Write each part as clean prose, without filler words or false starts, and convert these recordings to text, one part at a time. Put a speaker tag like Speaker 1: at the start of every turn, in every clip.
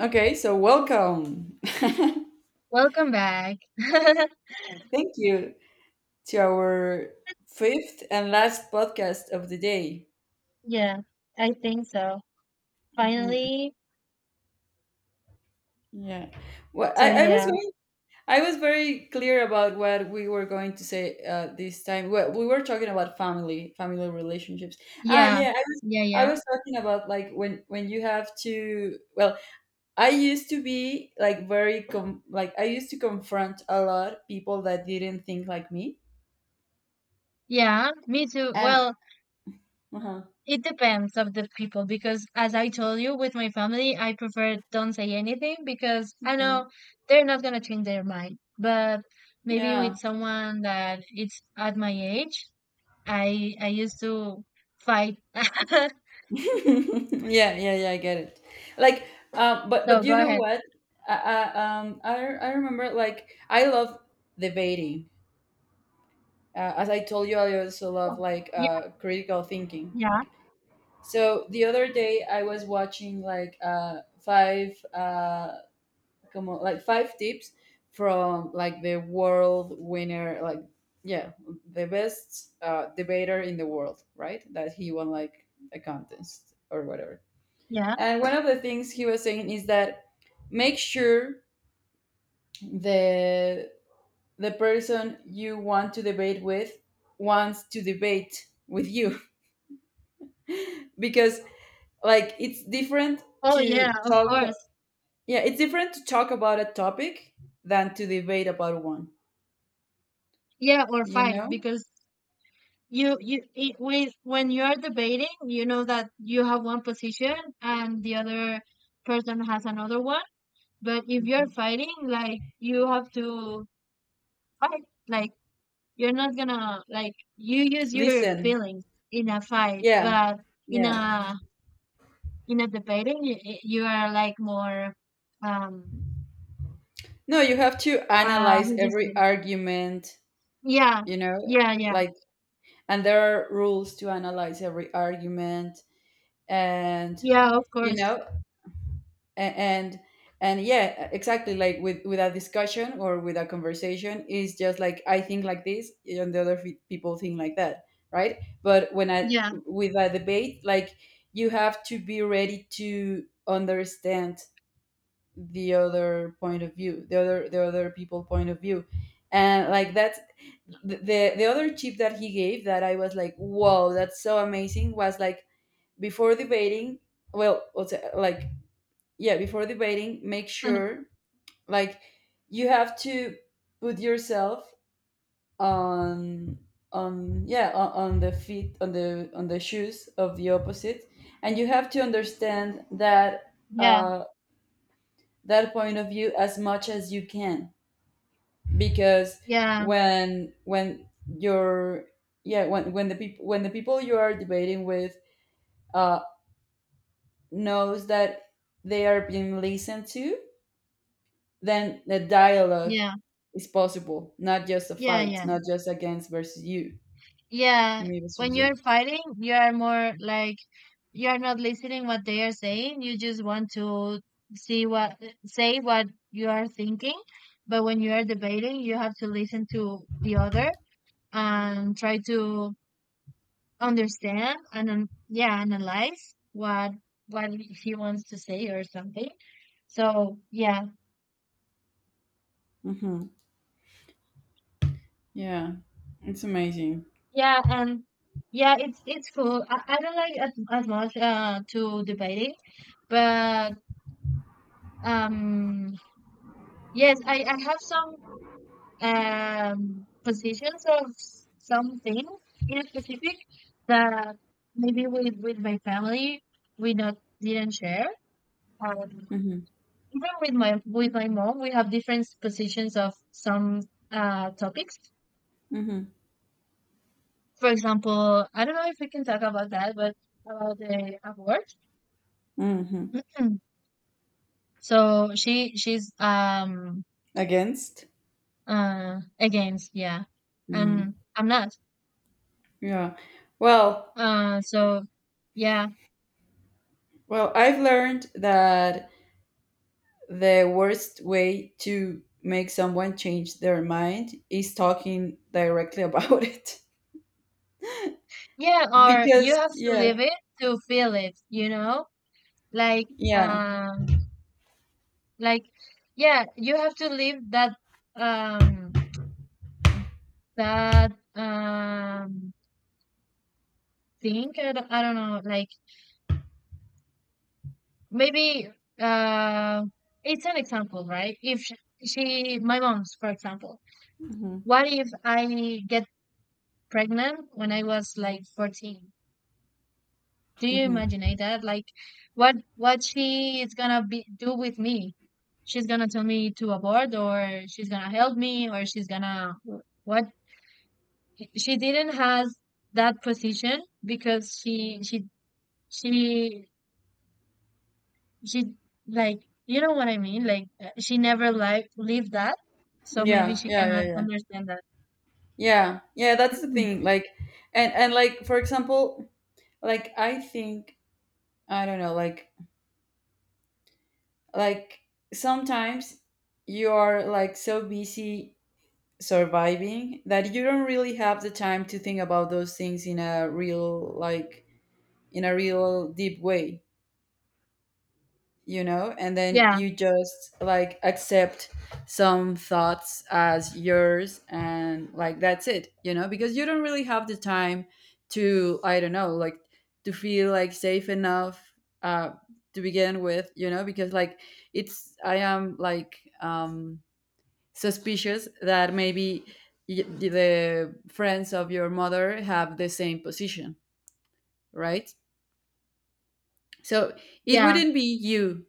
Speaker 1: Okay, so welcome.
Speaker 2: Welcome back.
Speaker 1: Thank you to our fifth and last podcast of the day.
Speaker 2: Yeah, I think so.
Speaker 1: Mhm.
Speaker 2: Finally,
Speaker 1: Yeah. Well,
Speaker 2: so yeah.
Speaker 1: I was very clear about what we were going to say this time. Well, we were talking about family relationships. Ah,
Speaker 2: Yeah,
Speaker 1: yeah,
Speaker 2: yeah,
Speaker 1: I
Speaker 2: yeah,
Speaker 1: was talking about like when you have to. Well, I used to be like very com like I used to confront a lot people that didn't think like me,
Speaker 2: yeah. Me too.
Speaker 1: and
Speaker 2: Well,
Speaker 1: uh-huh.
Speaker 2: it depends of the people because, as I told you, with my family, I prefer don't say anything because I
Speaker 1: Mhm.
Speaker 2: know they're not gonna change their mind. But maybe
Speaker 1: Yeah.
Speaker 2: with someone that it's at my age, I used to fight.
Speaker 1: Yeah, yeah, yeah, I get it. Like, but
Speaker 2: So go
Speaker 1: you know
Speaker 2: ahead.
Speaker 1: what, i, I I remember, like, I love debating. As I told you, I also
Speaker 2: Oh,
Speaker 1: love, like,
Speaker 2: yeah,
Speaker 1: critical thinking.
Speaker 2: yeah,
Speaker 1: So the other day I was watching, like, five, come on, like, five tips from, like, the world winner, like, yeah, the best debater in the world, right? That he won, like, a contest or whatever.
Speaker 2: yeah.
Speaker 1: And one of the things he was saying is that make sure the the person you want to debate with wants to debate with you because, like, it's different
Speaker 2: Oh
Speaker 1: to
Speaker 2: yeah, of
Speaker 1: talk.
Speaker 2: course.
Speaker 1: Yeah, it's different to talk about a topic than to debate about one,
Speaker 2: Yeah, or
Speaker 1: you
Speaker 2: fight
Speaker 1: know.
Speaker 2: because you it, when you are debating, you know that you have one position and the other person has another one. But if you're fighting, like you have to fight, like you're not gonna like you use your
Speaker 1: Listen.
Speaker 2: feelings in a fight,
Speaker 1: Yeah,
Speaker 2: but in
Speaker 1: yeah.
Speaker 2: a in a debating, you are like more um
Speaker 1: No, you have to
Speaker 2: uh
Speaker 1: analyze
Speaker 2: how do you
Speaker 1: every
Speaker 2: say?
Speaker 1: argument,
Speaker 2: Yeah,
Speaker 1: you know.
Speaker 2: yeah, yeah,
Speaker 1: Like, and there are rules to analyze every argument. And,
Speaker 2: yeah. Of
Speaker 1: you
Speaker 2: course,
Speaker 1: know, and, and yeah, exactly. Like, with a discussion or with a conversation is just like I think like this and the other people think like that, right? But when I
Speaker 2: yeah,
Speaker 1: with a debate, like, you have to be ready to understand the other point of view, the other, the other people point of view. And, like, that's the the other tip that he gave that I was like, wow, that's so amazing. Was like before debating, well, what's it, like, yeah, before debating, make sure, like, you have to put yourself on on, yeah, on the feet on the shoes of the opposite. And you have to understand that
Speaker 2: yeah,
Speaker 1: uh, that point of view as much as you can. Because
Speaker 2: yeah,
Speaker 1: when you're, yeah, when the people when the people you are debating with uh, knows that they are being listened to, then the dialogue
Speaker 2: yeah.
Speaker 1: is possible, not just a
Speaker 2: Yeah,
Speaker 1: fight,
Speaker 2: yeah.
Speaker 1: not just against versus you,
Speaker 2: Yeah.
Speaker 1: me
Speaker 2: When
Speaker 1: versus you.
Speaker 2: you're fighting, you are more like you are not listening what they are saying. You just want to see what say what you are thinking. But when you are debating, you have to listen to the other and try to understand and yeah, analyze what he wants to say or something. So yeah,
Speaker 1: Hmm. Yeah, it's amazing.
Speaker 2: yeah, and yeah, it's cool. I don't like as much to debating, but Um, yes, I have some positions of some things in specific that maybe with my family we not didn't share. Um,
Speaker 1: Hmm.
Speaker 2: even with my mom, we have different positions of some topics.
Speaker 1: Hmm.
Speaker 2: For example, I don't know if we can talk about that, but about the abort.
Speaker 1: Hmm.
Speaker 2: So she's
Speaker 1: Against.
Speaker 2: against yeah,
Speaker 1: Mm.
Speaker 2: and I'm not.
Speaker 1: Yeah. Well,
Speaker 2: So yeah,
Speaker 1: well, I've learned that the worst way to make someone change their mind is talking directly about it.
Speaker 2: yeah, or you
Speaker 1: Because
Speaker 2: have to live
Speaker 1: yeah,
Speaker 2: it to feel it, you know? Like,
Speaker 1: yeah.
Speaker 2: um, like, yeah, you have to live that, um, that, thing. I don't know, like, maybe, uh, it's an example, right? If sh- she, my mom's, for example,
Speaker 1: Hmm.
Speaker 2: what if I get pregnant when I was like 14? Do you
Speaker 1: Hmm.
Speaker 2: imagine that? Like, what she is gonna be do with me? She's gonna tell me to abort, or she's gonna help me, or she's gonna what? She didn't has that position because she she like you know what I mean? Like she never like lived that, so maybe
Speaker 1: Yeah,
Speaker 2: she
Speaker 1: yeah, yeah,
Speaker 2: cannot
Speaker 1: yeah.
Speaker 2: understand that.
Speaker 1: Yeah, yeah, that's the thing. Like, and, like, for example, like, I think, I don't know, like, sometimes you are, like, so busy surviving that you don't really have the time to think about those things in a real, like, in a real deep way. You know, and then
Speaker 2: Yeah,
Speaker 1: you just, like, accept some thoughts as yours and, like, that's it, you know, because you don't really have the time to, I don't know, like, to feel like safe enough uh to begin with, you know, because, like, it's, I am like, suspicious that maybe the friends of your mother have the same position, right? So it
Speaker 2: yeah,
Speaker 1: wouldn't be you,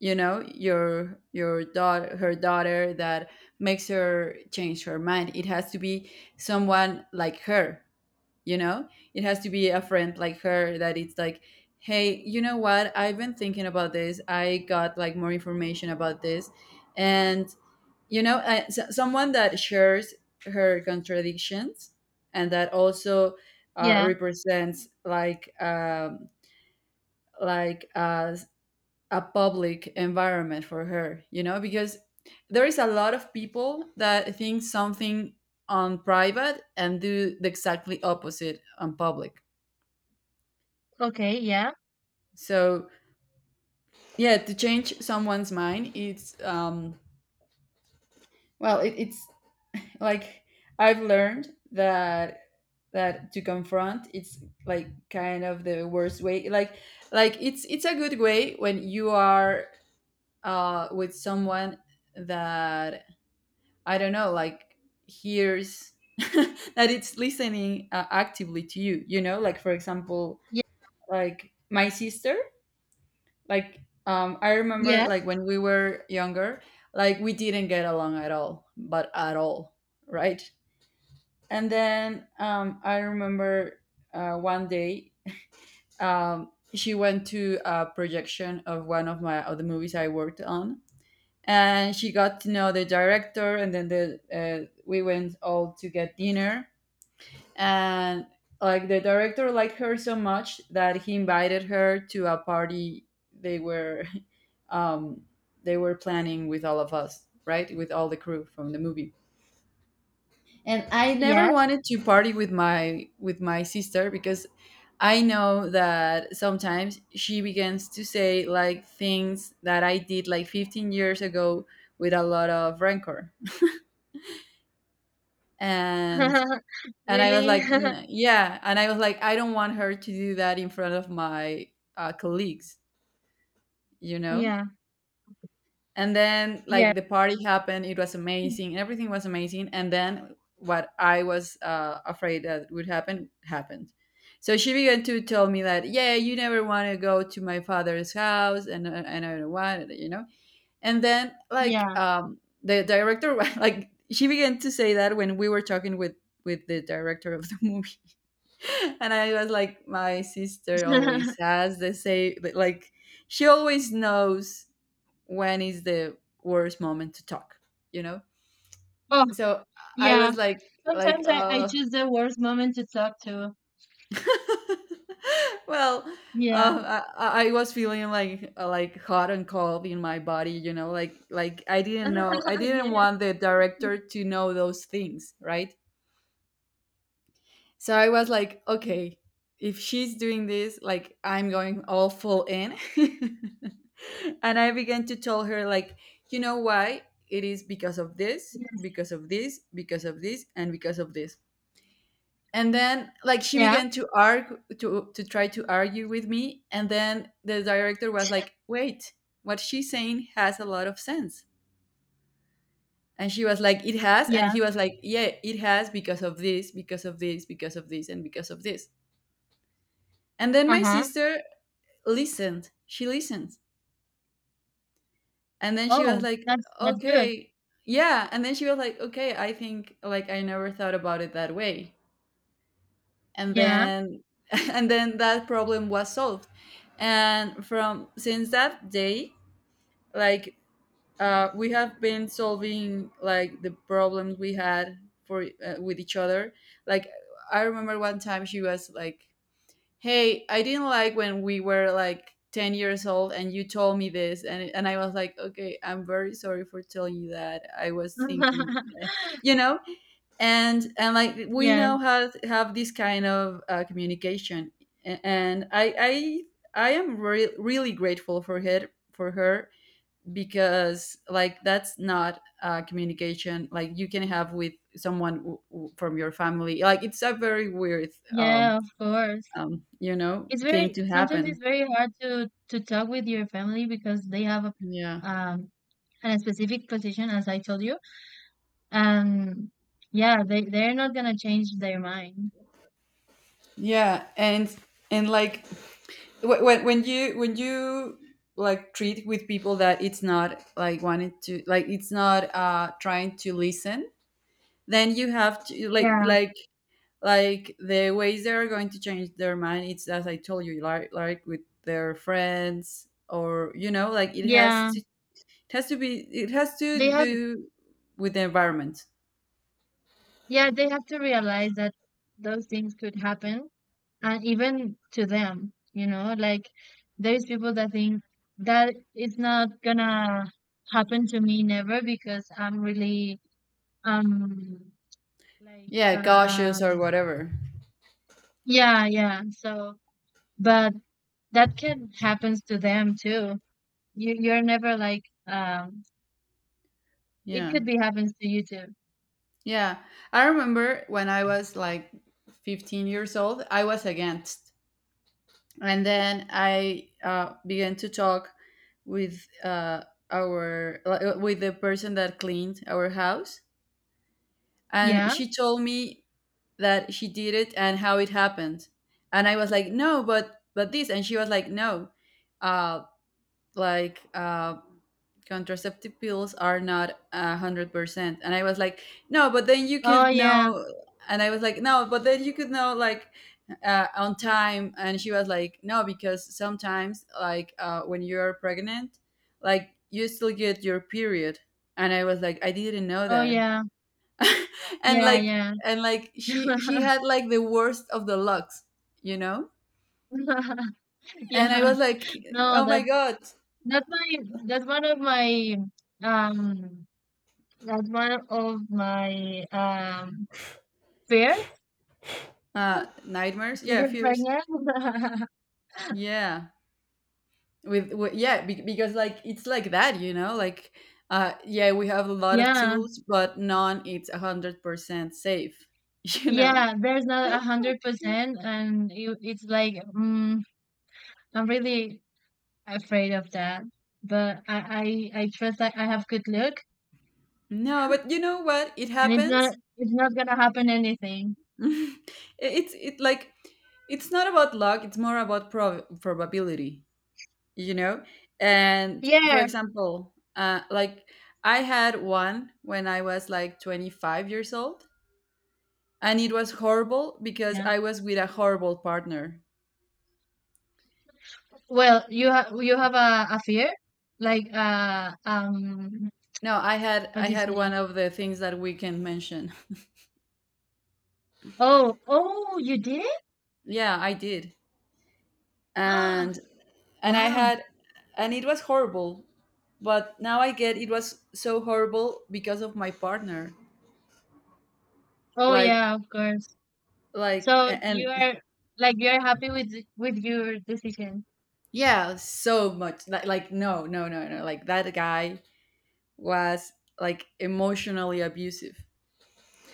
Speaker 1: you know, your daughter, her daughter, that makes her change her mind. It has to be someone like her, you know. It has to be a friend like her that it's like, hey, you know what, I've been thinking about this, I got, like, more information about this. And, you know, someone that shares her contradictions, and that also
Speaker 2: yeah.
Speaker 1: represents, like, like a public environment for her, you know, because there is a lot of people that think something on private and do the exactly opposite on public.
Speaker 2: Okay, yeah,
Speaker 1: So, yeah, to change someone's mind, it's, well, it, it's, like, I've learned that, that to confront, it's, like, kind of the worst way. Like, it's a good way when you are with someone that, I don't know, like, hears that it's listening, actively to you. You know, like, for example,
Speaker 2: yeah,
Speaker 1: like, my sister, like, I remember,
Speaker 2: yes,
Speaker 1: like, when we were younger, like, we didn't get along at all, but at all, right? And then I remember one day, she went to a projection of one of my of the movies I worked on, and she got to know the director, and then the we went all to get dinner. And, like, the director liked her so much that he invited her to a party they were, um, they were planning with all of us, right, with all the crew from the movie. And I never
Speaker 2: yes.
Speaker 1: wanted to party with my sister because I know that sometimes she begins to say, like, things that I did, like, 15 years ago with a lot of rancor. and and I was
Speaker 2: Really,
Speaker 1: like, "N- yeah, and I was like, I don't want her to do that in front of my colleagues, you know.
Speaker 2: yeah,
Speaker 1: And then,
Speaker 2: yeah.
Speaker 1: like, the party happened, it was
Speaker 2: Mm,
Speaker 1: amazing, everything was amazing, and then what I was afraid that would happen, happened. So she began to tell me that, yeah, you never want to go to my father's house, and I don't want it, you know. And then, like,
Speaker 2: yeah.
Speaker 1: the director like, she began to say that when we were talking with the director of the movie. And I was like, my sister always has the same, but, like, she always knows when is the worst moment to talk, you know.
Speaker 2: Oh,
Speaker 1: So I
Speaker 2: yeah.
Speaker 1: was like,
Speaker 2: Sometimes I choose the worst moment to talk to.
Speaker 1: well,
Speaker 2: Yeah.
Speaker 1: I was feeling like, like, hot and cold in my body, you know, like, I didn't know, I didn't
Speaker 2: Yeah.
Speaker 1: want the director to know those things, right? So I was like, okay, if she's doing this, like, I'm going all full in. And I began to tell her, like, you know why? It is because of this, because of this, because of this, and because of this. And then, like, she
Speaker 2: Yeah.
Speaker 1: began to argue to try to argue with me. And then the director was like, wait, what she's saying has a lot of sense. And she was like, it has. And
Speaker 2: Yeah.
Speaker 1: he was like, yeah, it has because of this, because of this, because of this, and because of this. And then my
Speaker 2: Uh-huh.
Speaker 1: sister listened. She listened. And then she was
Speaker 2: Oh,
Speaker 1: like,
Speaker 2: that's good.
Speaker 1: okay. Yeah. And then she was like, okay, I think, like, I never thought about it that way. And
Speaker 2: Yeah.
Speaker 1: then and then that problem was solved. And from since that day, like, we have been solving, like, the problems we had for with each other. Like, I remember one time she was like, hey, I didn't like when we were, like, 10 years old and you told me this. And I was like, okay, I'm very sorry for telling you that. I was thinking, you know, and, like, we
Speaker 2: Yes.
Speaker 1: now have this kind of communication. And I am really grateful for her, for her, because, like, that's not communication like you can have with someone from your family. Like, it's a very weird um,
Speaker 2: Yeah, of course.
Speaker 1: you know,
Speaker 2: It's very
Speaker 1: thing to
Speaker 2: sometimes it's
Speaker 1: happen.
Speaker 2: very hard to talk with your family because they have
Speaker 1: Yeah.
Speaker 2: um a specific position as I told you. And yeah, they they're not gonna change their mind.
Speaker 1: Yeah, and, like, when you when you like treat with people that it's not like wanting to, like, it's not trying to listen, then you have to, like
Speaker 2: Yeah.
Speaker 1: like like the ways they are going to change their mind. It's, as I told you, like, with their friends or, you know, like,
Speaker 2: Yeah.
Speaker 1: it has to be it has
Speaker 2: They
Speaker 1: to
Speaker 2: have
Speaker 1: do with the environment.
Speaker 2: yeah, they have to realize that those things could happen and even to them, you know, like there's people that think that it's not gonna happen to me never because I'm really um like
Speaker 1: Yeah, cautious or whatever.
Speaker 2: yeah, yeah. So but that can happens to them too. You you're never like it
Speaker 1: Yeah.
Speaker 2: could be happens to you too.
Speaker 1: Yeah, I remember when I was, like, 15 years old, I was against. And then I began to talk with our like, with the person that cleaned our house, and
Speaker 2: Yeah?
Speaker 1: she told me that she did it and how it happened. And I was like, no, but this, and she was like, no, uh, like, contraceptive pills are not 100%. And I was like, no, but then you
Speaker 2: Oh
Speaker 1: could
Speaker 2: yeah.
Speaker 1: know. And I was like, no, but then you could know, like, on time. And she was like, no, because sometimes, like, when you're pregnant, like, you still get your period. And I was like, I didn't know
Speaker 2: Oh
Speaker 1: that.
Speaker 2: yeah.
Speaker 1: And,
Speaker 2: Yeah,
Speaker 1: like,
Speaker 2: yeah.
Speaker 1: and, like, she had, like, the worst of the lucks, you know. And I
Speaker 2: Yeah.
Speaker 1: was like,
Speaker 2: No,
Speaker 1: oh my
Speaker 2: that
Speaker 1: god.
Speaker 2: that's my that's one of my um that's one of my fears
Speaker 1: Nightmares,
Speaker 2: to
Speaker 1: yeah,
Speaker 2: get
Speaker 1: fears.
Speaker 2: pregnant.
Speaker 1: Yeah. With yeah, because like it's like that, you know, like yeah, we have a lot of
Speaker 2: Yeah,
Speaker 1: tools, but none it's 100% safe, you know.
Speaker 2: yeah, there's not a hundred
Speaker 1: Yeah.
Speaker 2: percent, and you, it's like mm, I'm really afraid of that. But I trust that I have good luck,
Speaker 1: No, but you know what? It
Speaker 2: and
Speaker 1: happens.
Speaker 2: it's not gonna happen anything.
Speaker 1: It- it's it's not about luck. It's more about probability, you know. And for
Speaker 2: Yeah,
Speaker 1: example, like I had one when I was like 25 years old, and it was horrible because
Speaker 2: yeah.
Speaker 1: I was with a horrible partner.
Speaker 2: Well, you have a fear, like
Speaker 1: No,
Speaker 2: how
Speaker 1: I
Speaker 2: do you
Speaker 1: had one
Speaker 2: say?
Speaker 1: of the things that we can mention.
Speaker 2: Oh, oh, you did.
Speaker 1: Yeah, I did.
Speaker 2: Ah,
Speaker 1: And and I
Speaker 2: wow.
Speaker 1: had, and it was horrible, but now I get it was so horrible because of my partner.
Speaker 2: Oh
Speaker 1: Like
Speaker 2: yeah, of course.
Speaker 1: like
Speaker 2: So
Speaker 1: a-
Speaker 2: you
Speaker 1: and
Speaker 2: are like you are happy with with your decision.
Speaker 1: Yeah, so much. Like no, no, no, no. Like that guy was like emotionally abusive.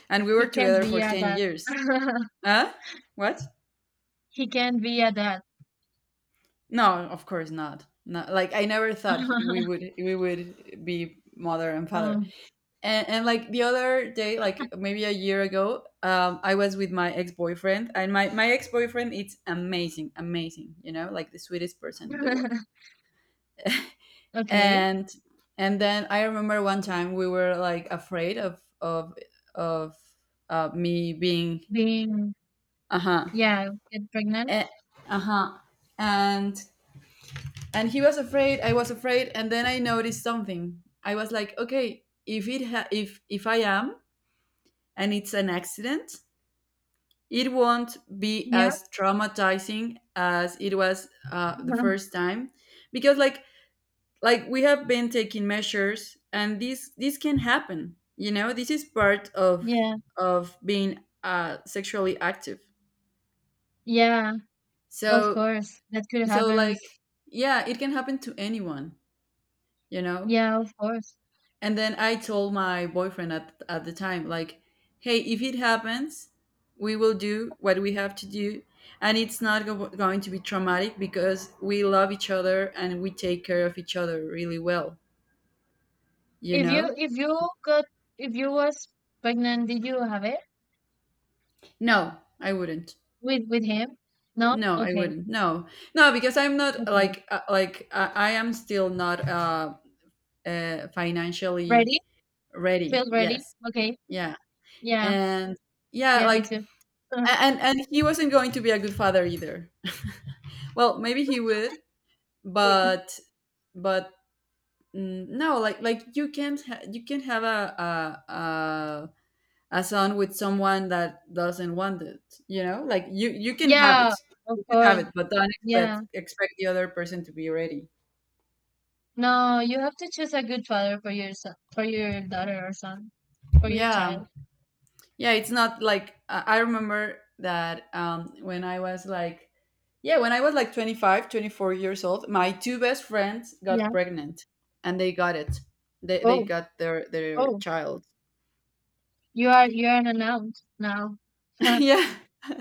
Speaker 1: And we were
Speaker 2: He can't
Speaker 1: together
Speaker 2: be
Speaker 1: for
Speaker 2: a
Speaker 1: 10
Speaker 2: dad.
Speaker 1: years. Huh? What?
Speaker 2: He can't be a dad.
Speaker 1: No, of course not. No, like I never thought we would be mother and father.
Speaker 2: Oh.
Speaker 1: And like the other day, like maybe a year ago, I was with my ex-boyfriend, and my ex-boyfriend, it's amazing, you know, like the sweetest person in the world.
Speaker 2: Okay.
Speaker 1: and and then I remember one time we were like afraid of me being.
Speaker 2: Being
Speaker 1: uh-huh
Speaker 2: yeah, get pregnant.
Speaker 1: eh, uh-huh and and he was afraid, I was afraid, and then I noticed something. I was like, okay, if I am, and it's an accident, it won't be
Speaker 2: Yeah.
Speaker 1: as traumatizing as it was the first time, because like we have been taking measures, and this can happen. You know, this is part of
Speaker 2: Yeah.
Speaker 1: being sexually active.
Speaker 2: Yeah, of
Speaker 1: So
Speaker 2: course. That could
Speaker 1: so
Speaker 2: happen.
Speaker 1: like yeah, it can happen to anyone. You know.
Speaker 2: Yeah, of course.
Speaker 1: And then I told my boyfriend at the time, like, hey, if it happens, we will do what we have to do. And it's not go- going to be traumatic because we love each other and we take care of each other really well, you
Speaker 2: If
Speaker 1: know?
Speaker 2: you if you got if you was pregnant, did you have it
Speaker 1: No, I wouldn't.
Speaker 2: with him? No?
Speaker 1: No, I
Speaker 2: Okay.
Speaker 1: wouldn't. No, no, because I'm not
Speaker 2: Okay.
Speaker 1: like, like I am still not financially
Speaker 2: Ready?
Speaker 1: ready.
Speaker 2: Feel ready?
Speaker 1: Yes.
Speaker 2: Okay.
Speaker 1: Yeah.
Speaker 2: Yeah.
Speaker 1: And yeah,
Speaker 2: Yeah, me
Speaker 1: like
Speaker 2: too.
Speaker 1: And he wasn't going to be a good father either. Well, maybe he would, but but mm, no, like you can't ha- you can't have a son with someone that doesn't want it. You know, like you can have
Speaker 2: Yeah,
Speaker 1: it,
Speaker 2: of
Speaker 1: you can have it,
Speaker 2: course.
Speaker 1: but don't
Speaker 2: Yeah.
Speaker 1: expect the other person to be ready.
Speaker 2: No, you have to choose a good father for your son, for your daughter or son, for your
Speaker 1: Yeah.
Speaker 2: child.
Speaker 1: Yeah, it's not like I. I remember that, when I was like yeah, when I was like 25, 24 years old, my two best friends got
Speaker 2: Yeah.
Speaker 1: pregnant, and they
Speaker 2: Oh,
Speaker 1: got their
Speaker 2: oh,
Speaker 1: child.
Speaker 2: you are an announced now. Huh.
Speaker 1: Yeah.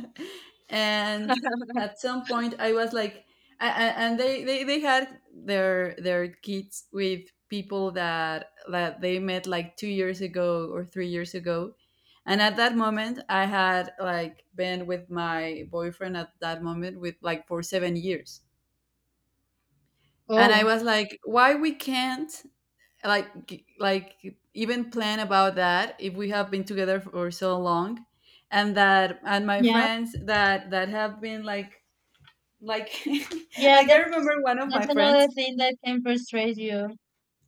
Speaker 1: And at some point I was like and they had their kids with people that they met like two years ago or three years ago, and at that moment I had like been with my boyfriend at that moment with like for 7 years. And I
Speaker 2: Oh,
Speaker 1: was like, why we can't, like like even plan about that if we have been together for so long? And that, and my
Speaker 2: yeah,
Speaker 1: friends that have been like
Speaker 2: yeah.
Speaker 1: like I remember one of my
Speaker 2: That's another
Speaker 1: friends,
Speaker 2: thing that can frustrate you.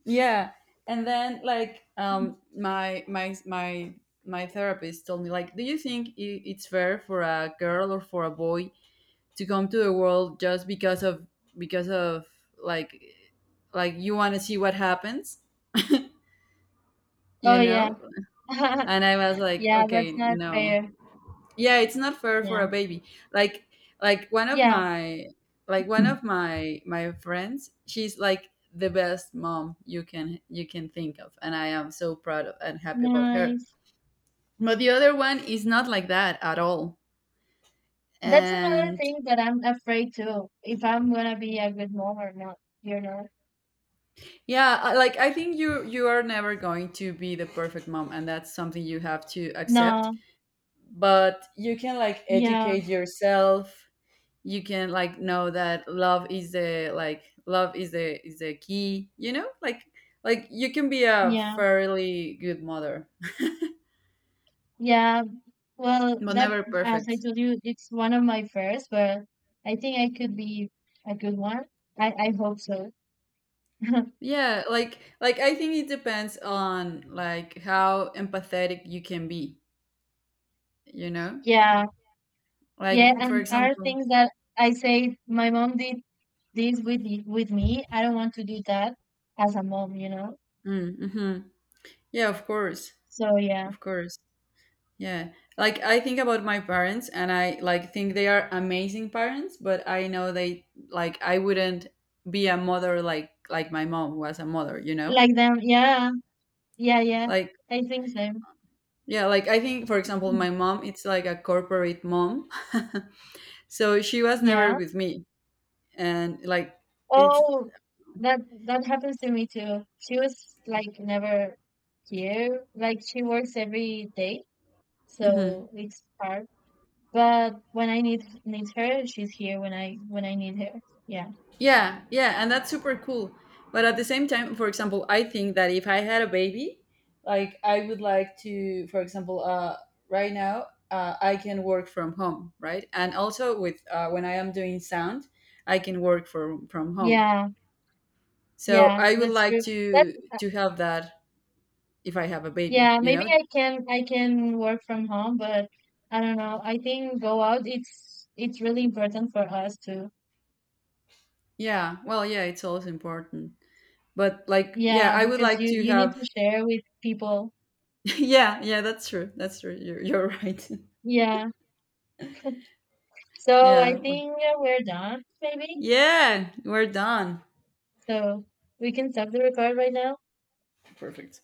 Speaker 1: yeah. And then like,
Speaker 2: Mm.
Speaker 1: my my therapist told me, like, do you think it's fair for a girl or for a boy to come to the world just because of, because of, like like you want to see what happens, you
Speaker 2: Oh yeah,
Speaker 1: know? And I was like,
Speaker 2: yeah.
Speaker 1: okay,
Speaker 2: That's not
Speaker 1: no.
Speaker 2: fair.
Speaker 1: Yeah, it's not fair for
Speaker 2: Yeah,
Speaker 1: a baby. like like one of
Speaker 2: yeah.
Speaker 1: my, like one of my friends, she's like the best mom you can, you can think of, and I am so proud of and happy about her.
Speaker 2: Nice.
Speaker 1: But the other one is not like that at all.
Speaker 2: That's another
Speaker 1: And
Speaker 2: thing that I'm afraid too. If I'm gonna be a good mom or not, you know.
Speaker 1: yeah, like I think you, you are never going to be the perfect mom, and that's something you have to accept.
Speaker 2: No,
Speaker 1: But you can like
Speaker 2: yeah,
Speaker 1: educate yourself, you can like know that love is the, like love is the key, you know, like you can be a
Speaker 2: yeah,
Speaker 1: fairly good mother,
Speaker 2: yeah. Well,
Speaker 1: but
Speaker 2: that
Speaker 1: never
Speaker 2: as I
Speaker 1: perfect.
Speaker 2: told you, it's one of my first, but I think I could be a good one. I hope so.
Speaker 1: Yeah, like I think it depends on like how empathetic you can be, you know,
Speaker 2: Yeah, yeah.
Speaker 1: like for
Speaker 2: And are
Speaker 1: example.
Speaker 2: things that I say my mom did this with with me. I don't want to do that as a mom, you know.
Speaker 1: Mm, hmm yeah, of course,
Speaker 2: So yeah,
Speaker 1: of course. Yeah. Like I think about my parents and I like think they are amazing parents, but I know they like I wouldn't be a mother like my mom was a mother, you know?
Speaker 2: like them. Yeah, yeah, yeah.
Speaker 1: Like
Speaker 2: I think so.
Speaker 1: yeah, like I think, for example,
Speaker 2: Mm,
Speaker 1: my mom it's like a corporate mom. So she was never
Speaker 2: yeah.
Speaker 1: with me, and like it's.
Speaker 2: Oh, that that happens to me too. She was like never here. Like she works every day, so
Speaker 1: Mhm.
Speaker 2: it's hard. But when I need need her, she's here when I need her. Yeah.
Speaker 1: Yeah, yeah, and that's super cool. But at the same time, for example, I think that if I had a baby, like I would like to, for example, right now, I can work from home, right? And also with, when I am doing sound, I can work from home.
Speaker 2: Yeah.
Speaker 1: So
Speaker 2: Yeah,
Speaker 1: I would
Speaker 2: that's
Speaker 1: like
Speaker 2: true. That's
Speaker 1: to have that if I have a baby,
Speaker 2: yeah,
Speaker 1: you
Speaker 2: maybe
Speaker 1: know?
Speaker 2: I can work from home, but I don't know. I think go out it's really important for us too.
Speaker 1: Yeah, well, yeah, it's also important. But like, yeah,
Speaker 2: Yeah,
Speaker 1: I would
Speaker 2: because
Speaker 1: like
Speaker 2: you
Speaker 1: to
Speaker 2: you need
Speaker 1: have.
Speaker 2: to share with people.
Speaker 1: Yeah, yeah, that's true. That's true. You're right.
Speaker 2: Yeah. So I
Speaker 1: Yeah. Well,
Speaker 2: think we're done, maybe.
Speaker 1: yeah, we're done.
Speaker 2: So we can stop the record right now.
Speaker 1: Perfect.